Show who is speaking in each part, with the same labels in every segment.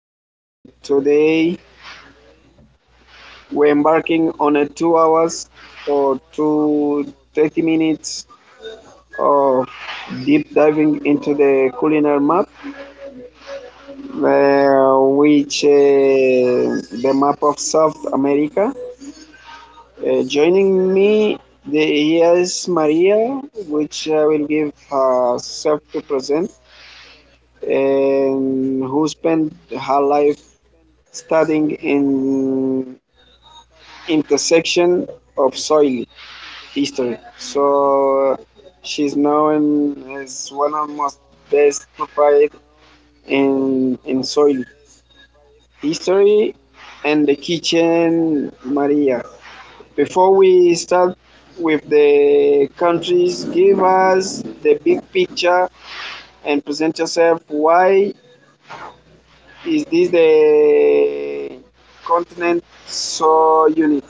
Speaker 1: Today we're embarking on a 2 hours or two thirty minutes of deep diving into the culinary map, which the map of South America. Joining me the here is Maria, which I will give herself to present, and who spent her life studying in intersection of soil history. So she's known as one of the most best profiles in soil history and the kitchen Maria. Before we start with the countries, give us the big picture and present yourself. Why is this the continent so unique?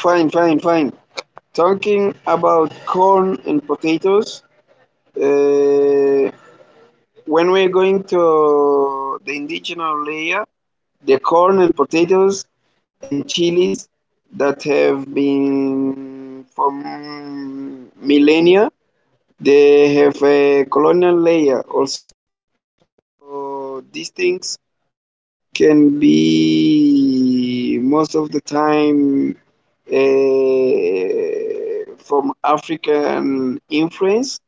Speaker 1: Fine. Talking about corn and potatoes, uh, when we're going to the indigenous layer, the corn and potatoes and chilies that have been from millennia they have a colonial layer also these things can be most of the time from African influence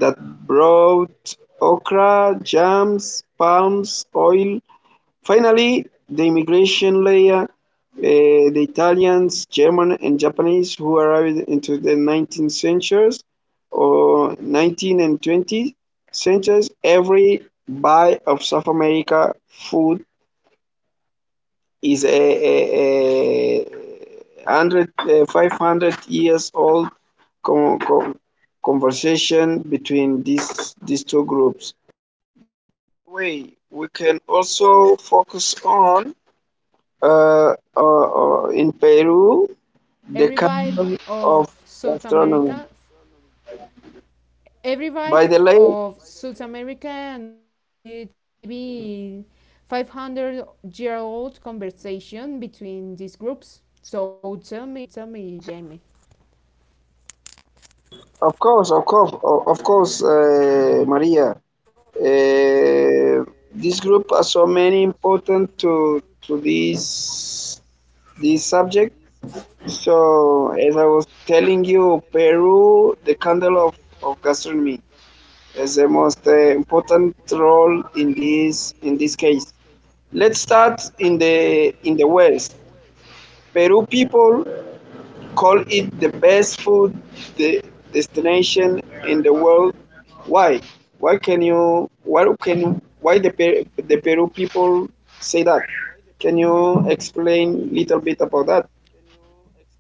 Speaker 1: that brought okra, jams, palms oil. Finally, the immigration layer, the Italians, German and Japanese who arrived into the 19th centuries or 19th and 20th centuries, every bite of South America food is a 100, 500 years old con- con- conversation between these two groups. Way we can also focus on in Peru, the capital of gastronomy. By the way, of course, Maria. Uh, this group are so many important to this subject. So as I was telling you, Peru, the candle of gastronomy, is the most important role in this case. Let's start in the west. Peru people called it the best food de- destination in the world. Why? Why can you? Why can? Why the Peru people say that? Can you explain little bit about that?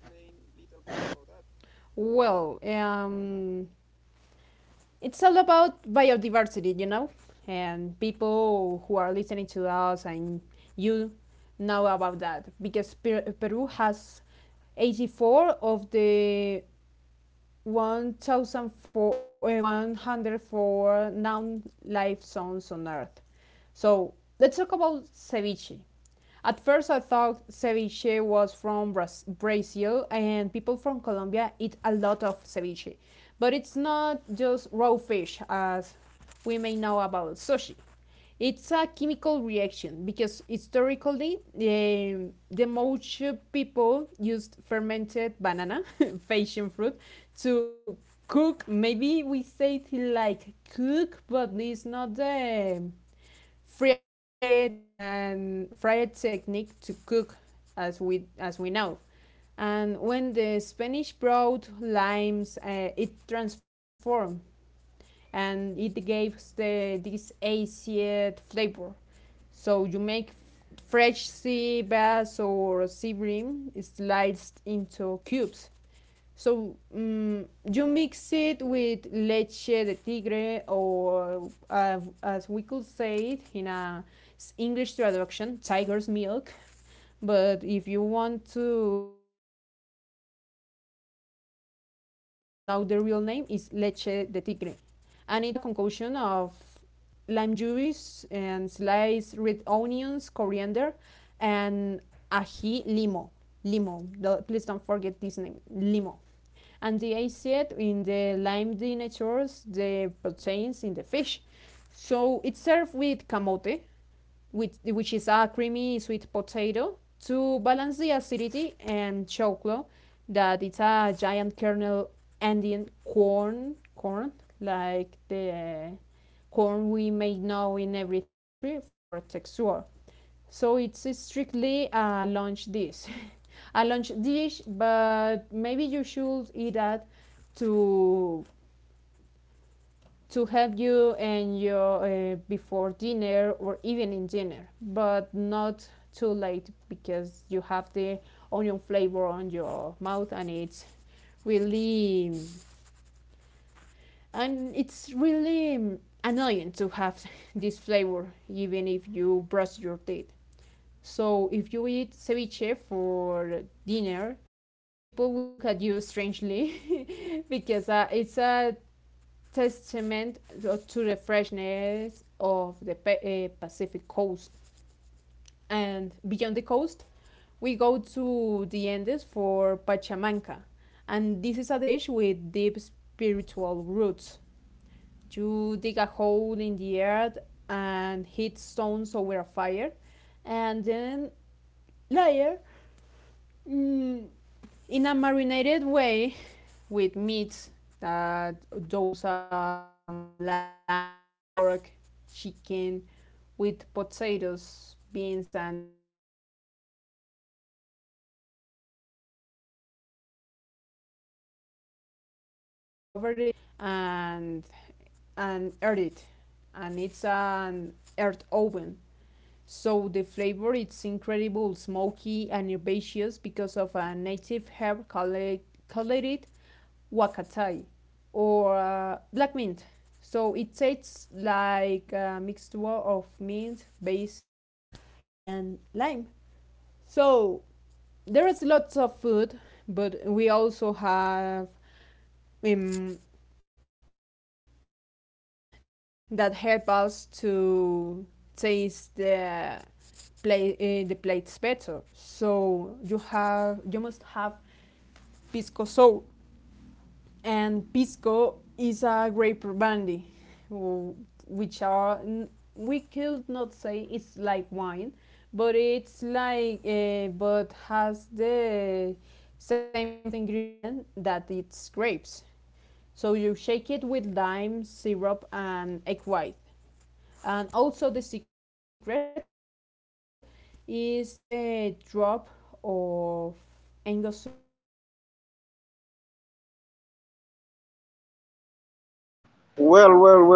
Speaker 1: Well, well, well, well,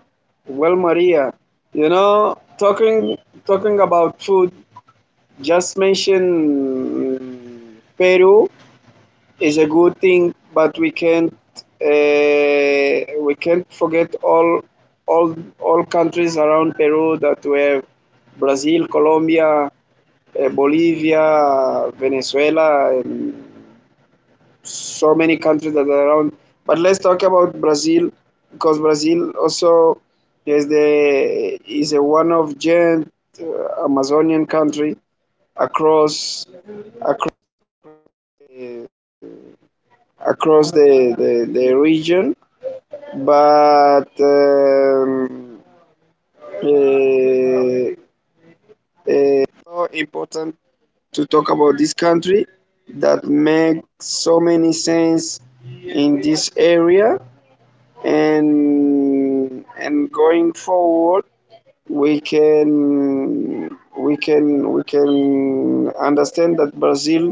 Speaker 1: well, Maria. You know, talking talking about food. Just mention Peru is a good thing, but uh, we can't forget all all countries around Peru that we have Brazil, Colombia, Bolivia, Venezuela, and so many countries that are around. But let's talk about Brazil because Brazil also is a one of giant Amazonian country across across, uh, across the region, but eh, so important to talk about this country that makes so many sense in this area, and going forward we can understand that Brazil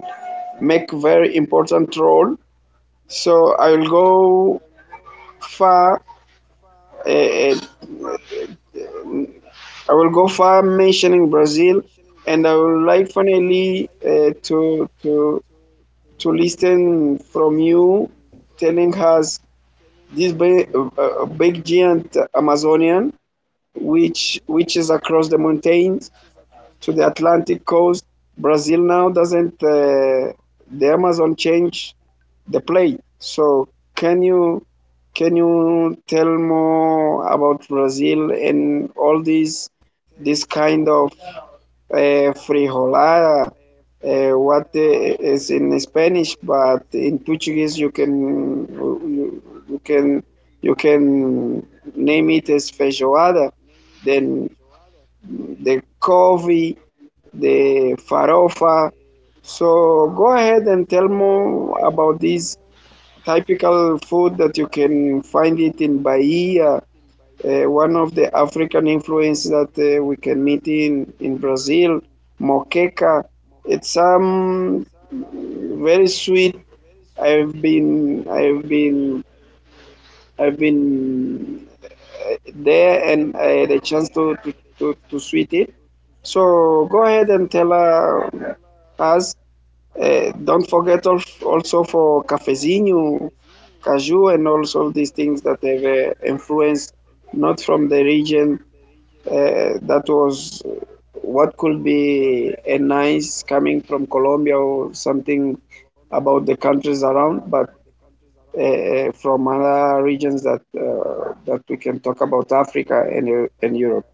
Speaker 1: make very important role. So far uh, I will go far mentioning Brazil, and I would like finally to listen from you telling us this big, big giant Amazonian, which is across the mountains, to the Atlantic coast. Brazil now doesn't, the Amazon change the plate. So can you can you tell more about Brazil and all these this kind of, frijolada? What is in Spanish, but in Portuguese you can you can name it as feijoada. Then the coffee, the farofa. So go ahead and tell more about this typical food that you can find it in Bahia, one of the African influence that we can meet in Brazil, moqueca. It's some very sweet. I've been I've been I've been there and the chance to sweat it. So go ahead and tell us. Don't forget also for cafezinho, cashew, and also these things that have influence not from the region, that was what could be a nice coming from Colombia or something about the countries around, but from other regions that that we can talk about Africa and Europe.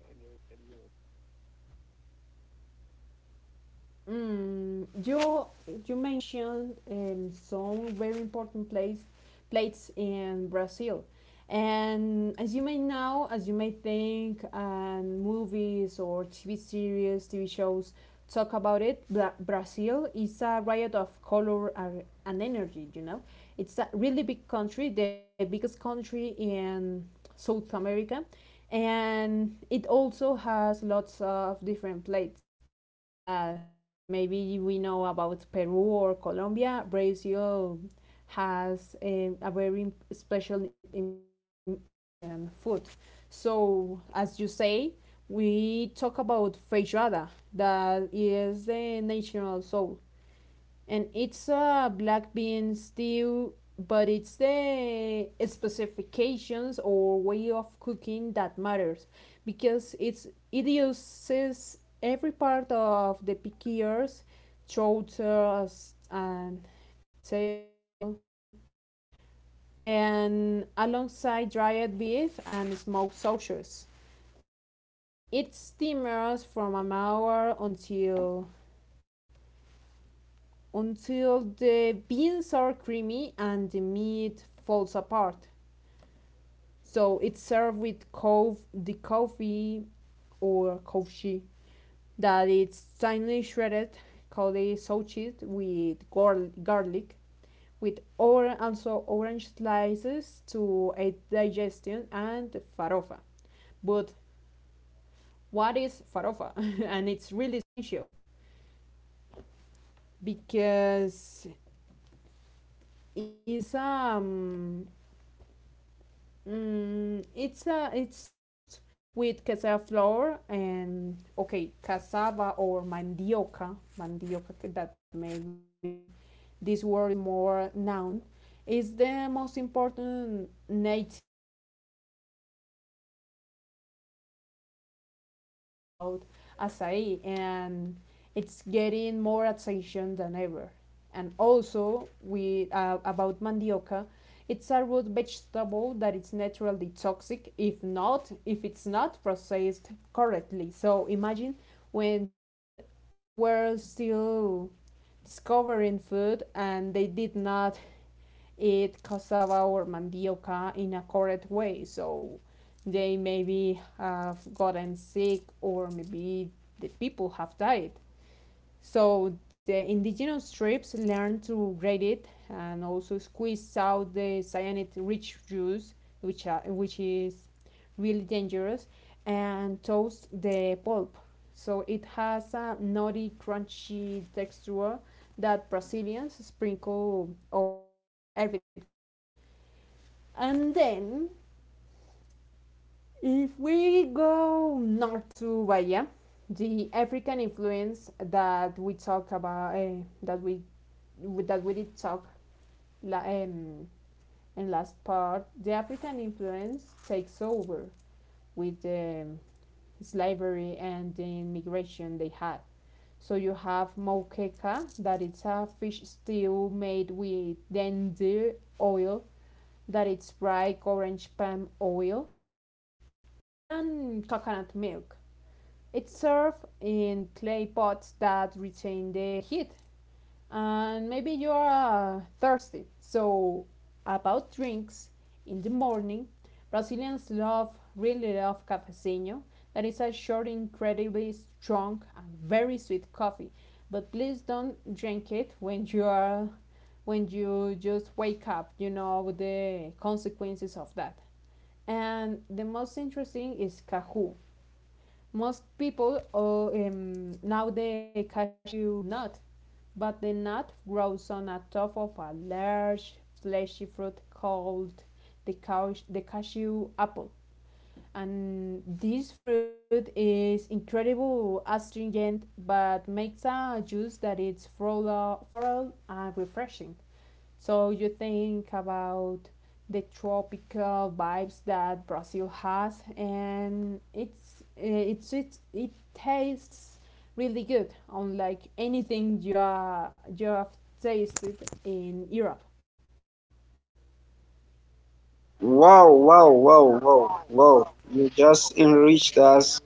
Speaker 1: Wow, wow, wow, wow, wow! You just enriched us.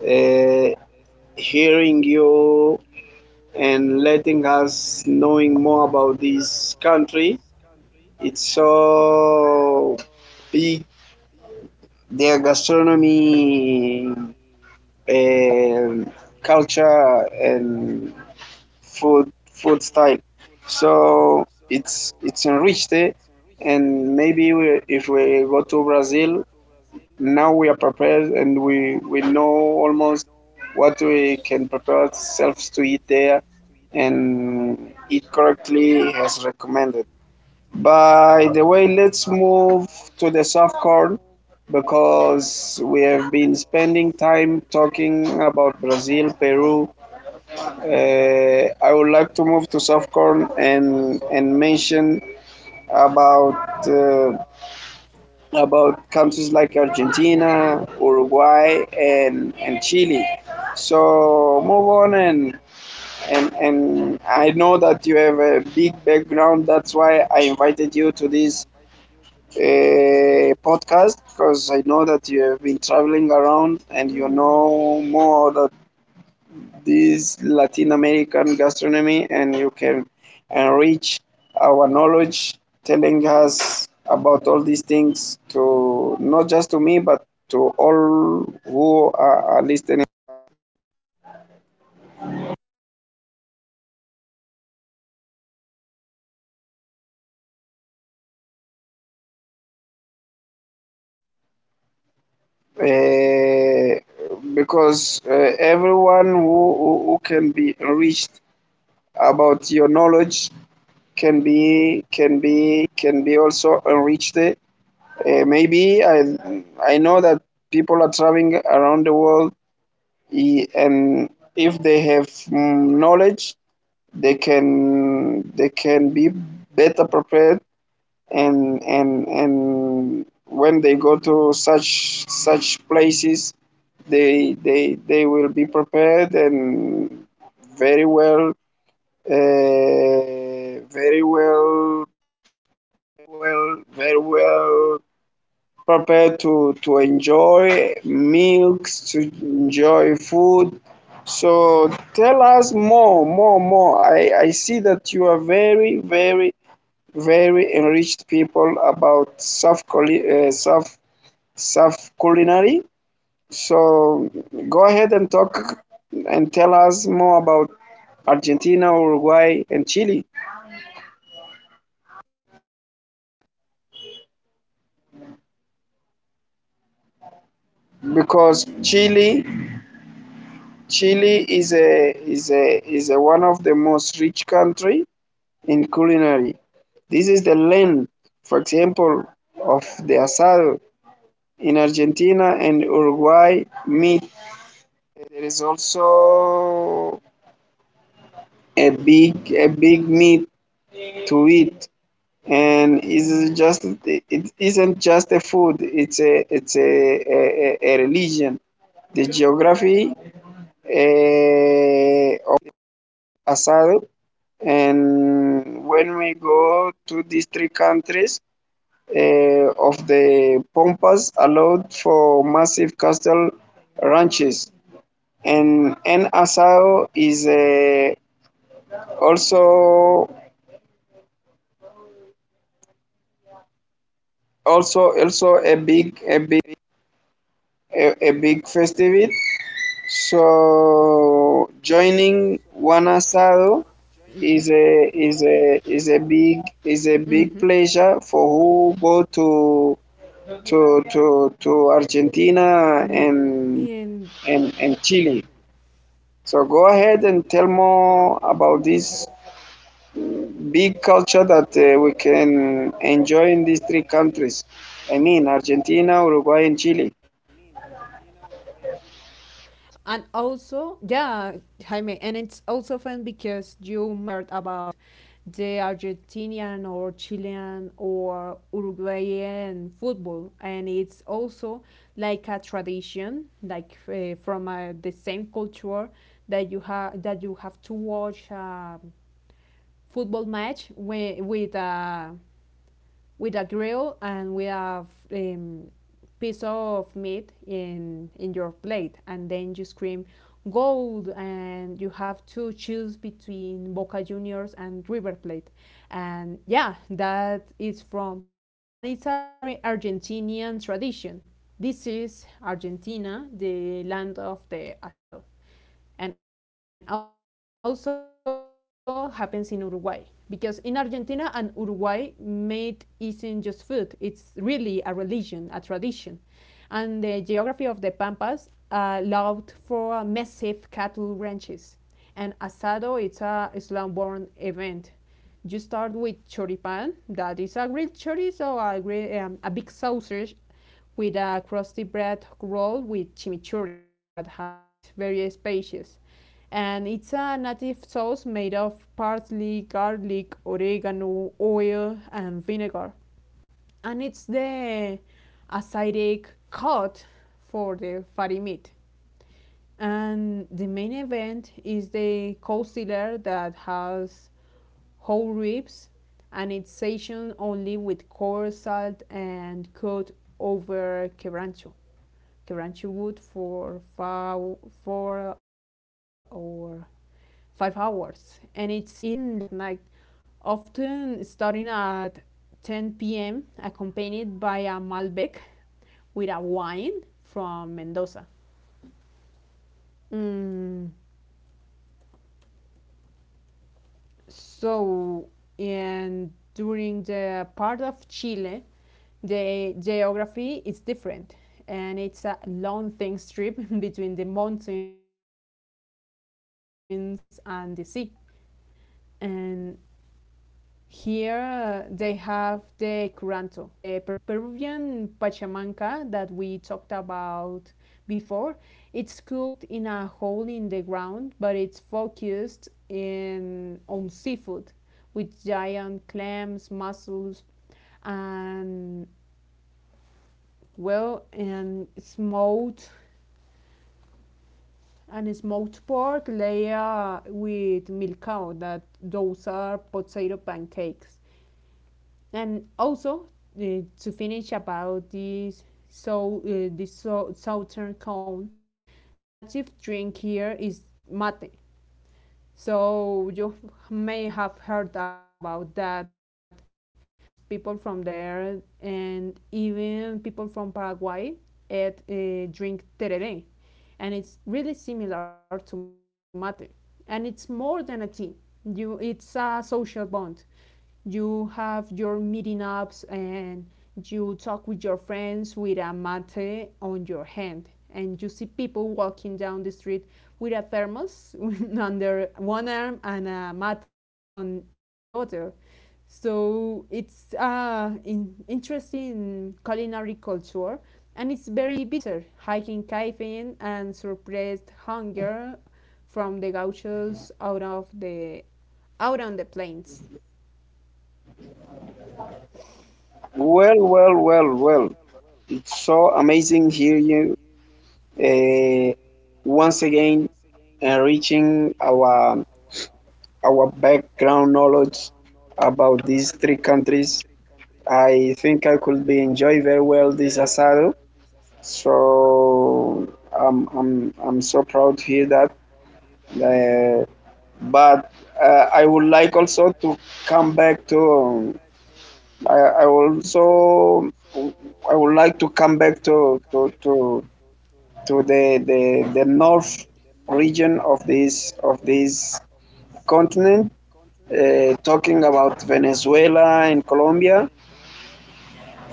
Speaker 1: Uh, Hearing you and letting us knowing more about this country. It's so big. Their gastronomy, um culture, and food style. So it's enriched, eh? And maybe we, if we go to Brazil, now we are prepared and we know almost what we can prepare ourselves to eat there and eat correctly as recommended. By the way, let's move to the soft corn because we have been spending time talking about Brazil, Peru. I would like to move to South Korea and mention about uh, about countries like Argentina, Uruguay, and Chile. So move on and I know that you have a big background. That's why I invited you to this podcast, because I know that you have been traveling around and you know more that this Latin American gastronomy, and you can enrich our knowledge telling us about all these things, to not just to me but to all who are listening, uh, because, everyone who can be enriched about your knowledge can be also enriched. Maybe I know that people are traveling around the world. And if they have, knowledge, they can be better prepared, and when they go to such places, they will be prepared and very well uh, very well very well people to enjoy milks, to enjoy food. So tell us more, more, more. I see that you are very, very, very enriched people about South culinary. So go ahead and talk and tell us more about Argentina, Uruguay, and Chile, because Chile is a one of the most rich country in culinary. This is the length, for example, of the asado in Argentina and Uruguay meat. There is also a big meat to eat, and it isn't just a food. It's a religion. The geography, of asado, and when we go to these three countries, of the Pampas allowed for massive cattle ranches, and El Asado is, also a big a big festival. So
Speaker 2: Mhm.
Speaker 1: joining one asado
Speaker 2: Mhm.
Speaker 1: is a big
Speaker 2: hmm
Speaker 1: pleasure for who go to Argentina
Speaker 2: So, in
Speaker 1: and Chile. So go ahead and tell more about this big culture that, we can enjoy in these three countries. I mean, Argentina, Uruguay, and Chile.
Speaker 2: and also, yeah, Jaime, and it's also fun because you may have heard about the Argentinian or Chilean or Uruguayan football, and it's also like a tradition, like from the same culture that you have to watch. Football match with a with a grill and with a piece of meat in your plate, and then you scream gold and you have to choose between Boca Juniors and River Plate. And yeah, that is from And it's a very Argentinian tradition. This is Argentina, the land of the asado, and also happens in Uruguay because in Argentina and Uruguay, meat isn't just food; it's really a religion, a tradition, and the geography of the pampas allowed for massive cattle ranches. And asado, it's a Islam-born event. You start with choripan, that is a grilled chorizo, a big sausage with a crusty bread roll with chimichurri that has various spices, and it's a native sauce made of parsley, garlic, oregano, oil, and vinegar. And it's the acidic cut for the fatty meat. And the main event is the coastiller that has whole ribs, and it's seasoned only with coarse salt and cut over quebrancho. Kranchi wood for four or five hours, and it's eaten late at night, often starting at 10 p.m., accompanied by a Malbec with a wine from Mendoza. Mm, so, and during the part of Chile, the geography is different, and it's a long, thin strip between the mountains and the sea. And here they have the curanto, like the Peruvian pachamanca that we talked about before. It's cooked in a hole in the ground, but it's focused in on seafood with giant clams, mussels, and, well, and smoked pork layer with milk cow. That those are potato pancakes. And also, to finish about this southern cone, the native drink here is mate, so you may have heard about that because people from there and even people from paraguay eat, drink tereré, and it's really similar to mate, and it's more than a tea. You it's a social bond. You have your meeting ups, and you talk with your friends with a mate on your hand, and you see people walking down the street with a thermos under one arm and a mate cup on in the other. So it's interesting culinary culture, and it's very bitter hiking caffeine and suppressed hunger from the gauchos out of the out on the plains.
Speaker 1: Well. It's so amazing here you, uh, once again enriching our background knowledge about these three countries. I think I could be enjoy very well this asado. So I'm so proud to hear that. Uh, but, I would like also to come back to. I also I would like to come back to the north region of this continent. Talking about Venezuela and Colombia,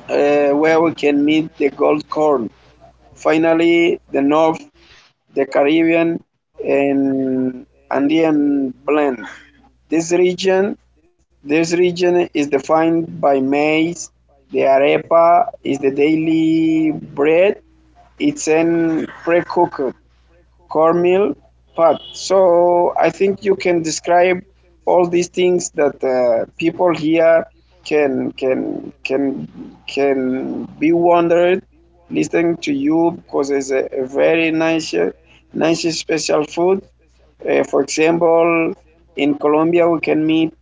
Speaker 1: where we can meet the gold corn. Finally, the north, the Caribbean and Andean blend. This region this region is defined by maize. The arepa is the daily bread. It's an pre-cooked cornmeal pad. So I think you can describe all these things that, people here can can can can be wondered listening to you, because it's a very nice, nice special food. For example, in Colombia, we can meet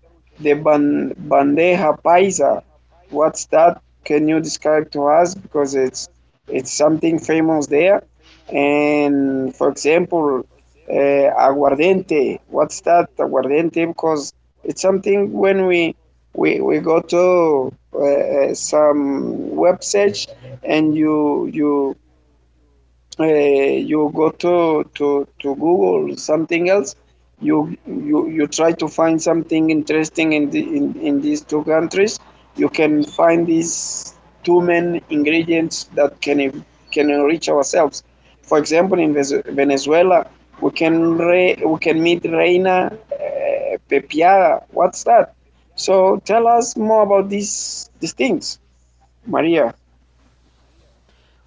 Speaker 1: the bandeja paisa. What's that? Can you describe to us, because it's something famous there? And for example, uh, aguardiente. What's that? Aguardiente, because it's something when we go to, some websites, and uh, you go to Google or something else. You you try to find something interesting in these two countries. You can find these two main ingredients that can enrich ourselves. For example, in Venezuela, we can meet Reina, Pepiada. What's that? So tell us more about these things, Maria.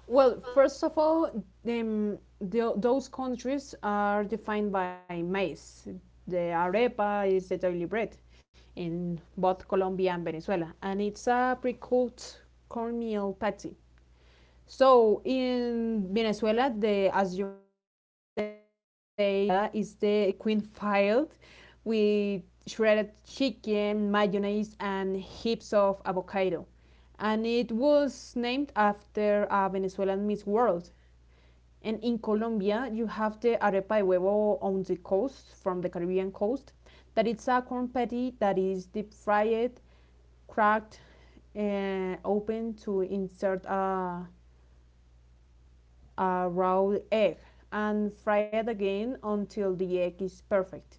Speaker 2: Well, first of all, those countries are defined by maize. The arepa is the daily bread in both Colombia and Venezuela, and it's a pre-cooked cornmeal patty. So in Venezuela, the, as you may say, the reina pepiada is the queen filed with shredded chicken, mayonnaise, and heaps of avocado, and it was named after a Venezuelan Miss World. And in Colombia, you have the arepa de huevo on the coast, from the Caribbean coast, that it's a corn patty that is deep fried, cracked, and open to insert a raw egg and fry it again until the egg is perfect.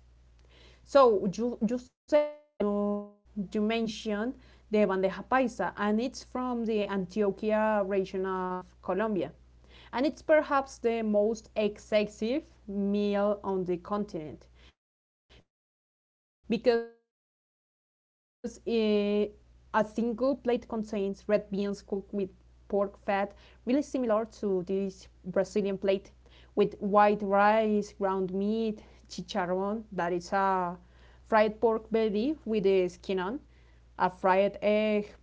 Speaker 2: So you say you mentioned the bandeja paisa, and it's from the Antioquia region of Colombia. And it's perhaps the most excessive meal on the continent because a single plate contains red beans cooked with pork fat, really similar to this Brazilian plate, with white rice, ground meat, chicharron, that is a fried pork belly with the skin on, a fried egg, plantain,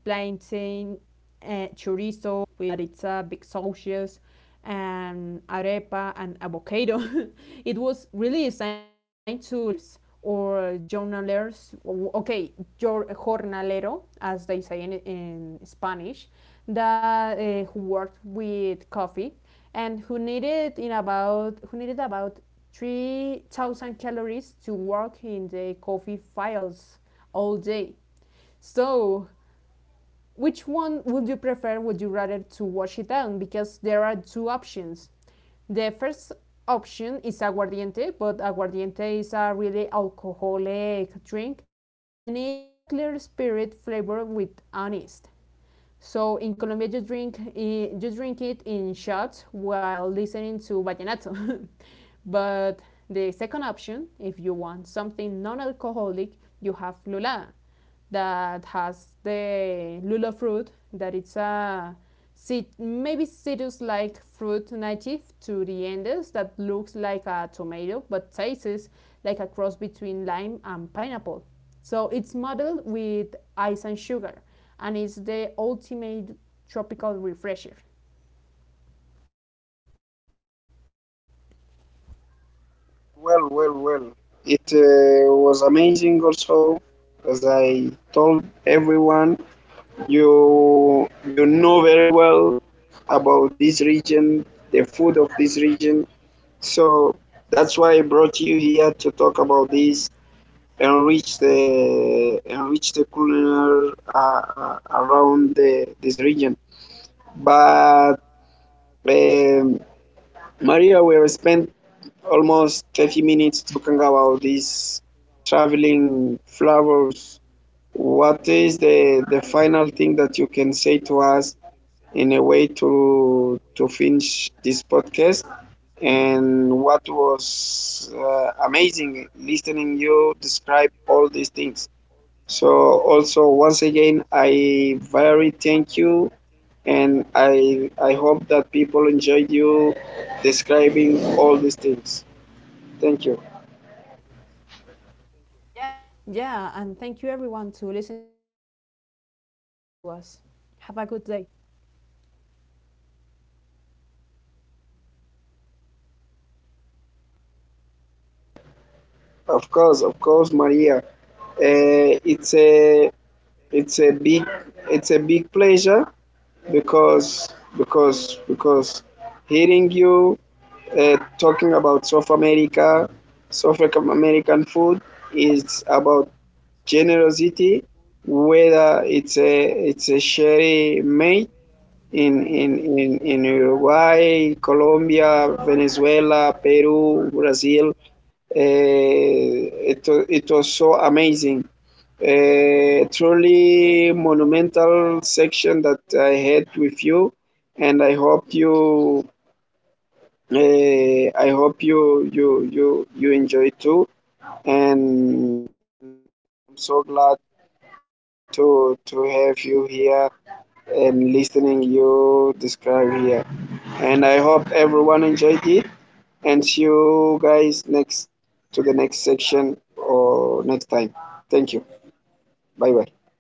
Speaker 2: chorizo with that it's a big sauces, and arepa and avocado. It was really designed to laborers or journalers. Okay, jornalero, as they say in Spanish, that who worked with coffee and who needed about 3,000 calories to work in the coffee fields all day. So which one would you prefer? Would you rather to wash it down? Because there are two options. The first option is aguardiente, but aguardiente is a really alcoholic drink, and it's a clear spirit flavored with anise. So in Colombia, you drink you drink it in shots while listening to vallenato. But the second option, if you want something non-alcoholic, you have lula, that has the lula fruit, that it's a maybe citrus-like fruit native to the Andes that looks like a tomato but tastes like a cross between lime and pineapple. So it's modeled with ice and sugar, and it's the ultimate tropical refresher.
Speaker 1: Well. It, was amazing also. As I told everyone, you know very well about this region, the food of this region. So that's why I brought you here to talk about this, enrich the culinary, around this region. But, um, Maria, we have spent almost 30 minutes talking about these traveling flowers. What is the final thing that you can say to us in a way to finish this podcast? And what was, amazing listening you describe all these things. So also once again, I very thank you, and I hope that people enjoyed you describing all these things. Thank you.
Speaker 2: Yeah, and thank you everyone to listen to us. Have a good day.
Speaker 1: Of course, Maria. It's a it's a big pleasure, because because because hearing you, talking about South America, South African American food is about generosity. Whether it's a sherry made in Uruguay, Colombia, Venezuela, Peru, Brazil. It was so amazing. A truly monumental section that I had with you, and I hope you enjoy too. And I'm so glad to have you here and listening you describe here. And I hope everyone enjoyed it. And see you guys next to the next section or next time. Thank you, bye bye.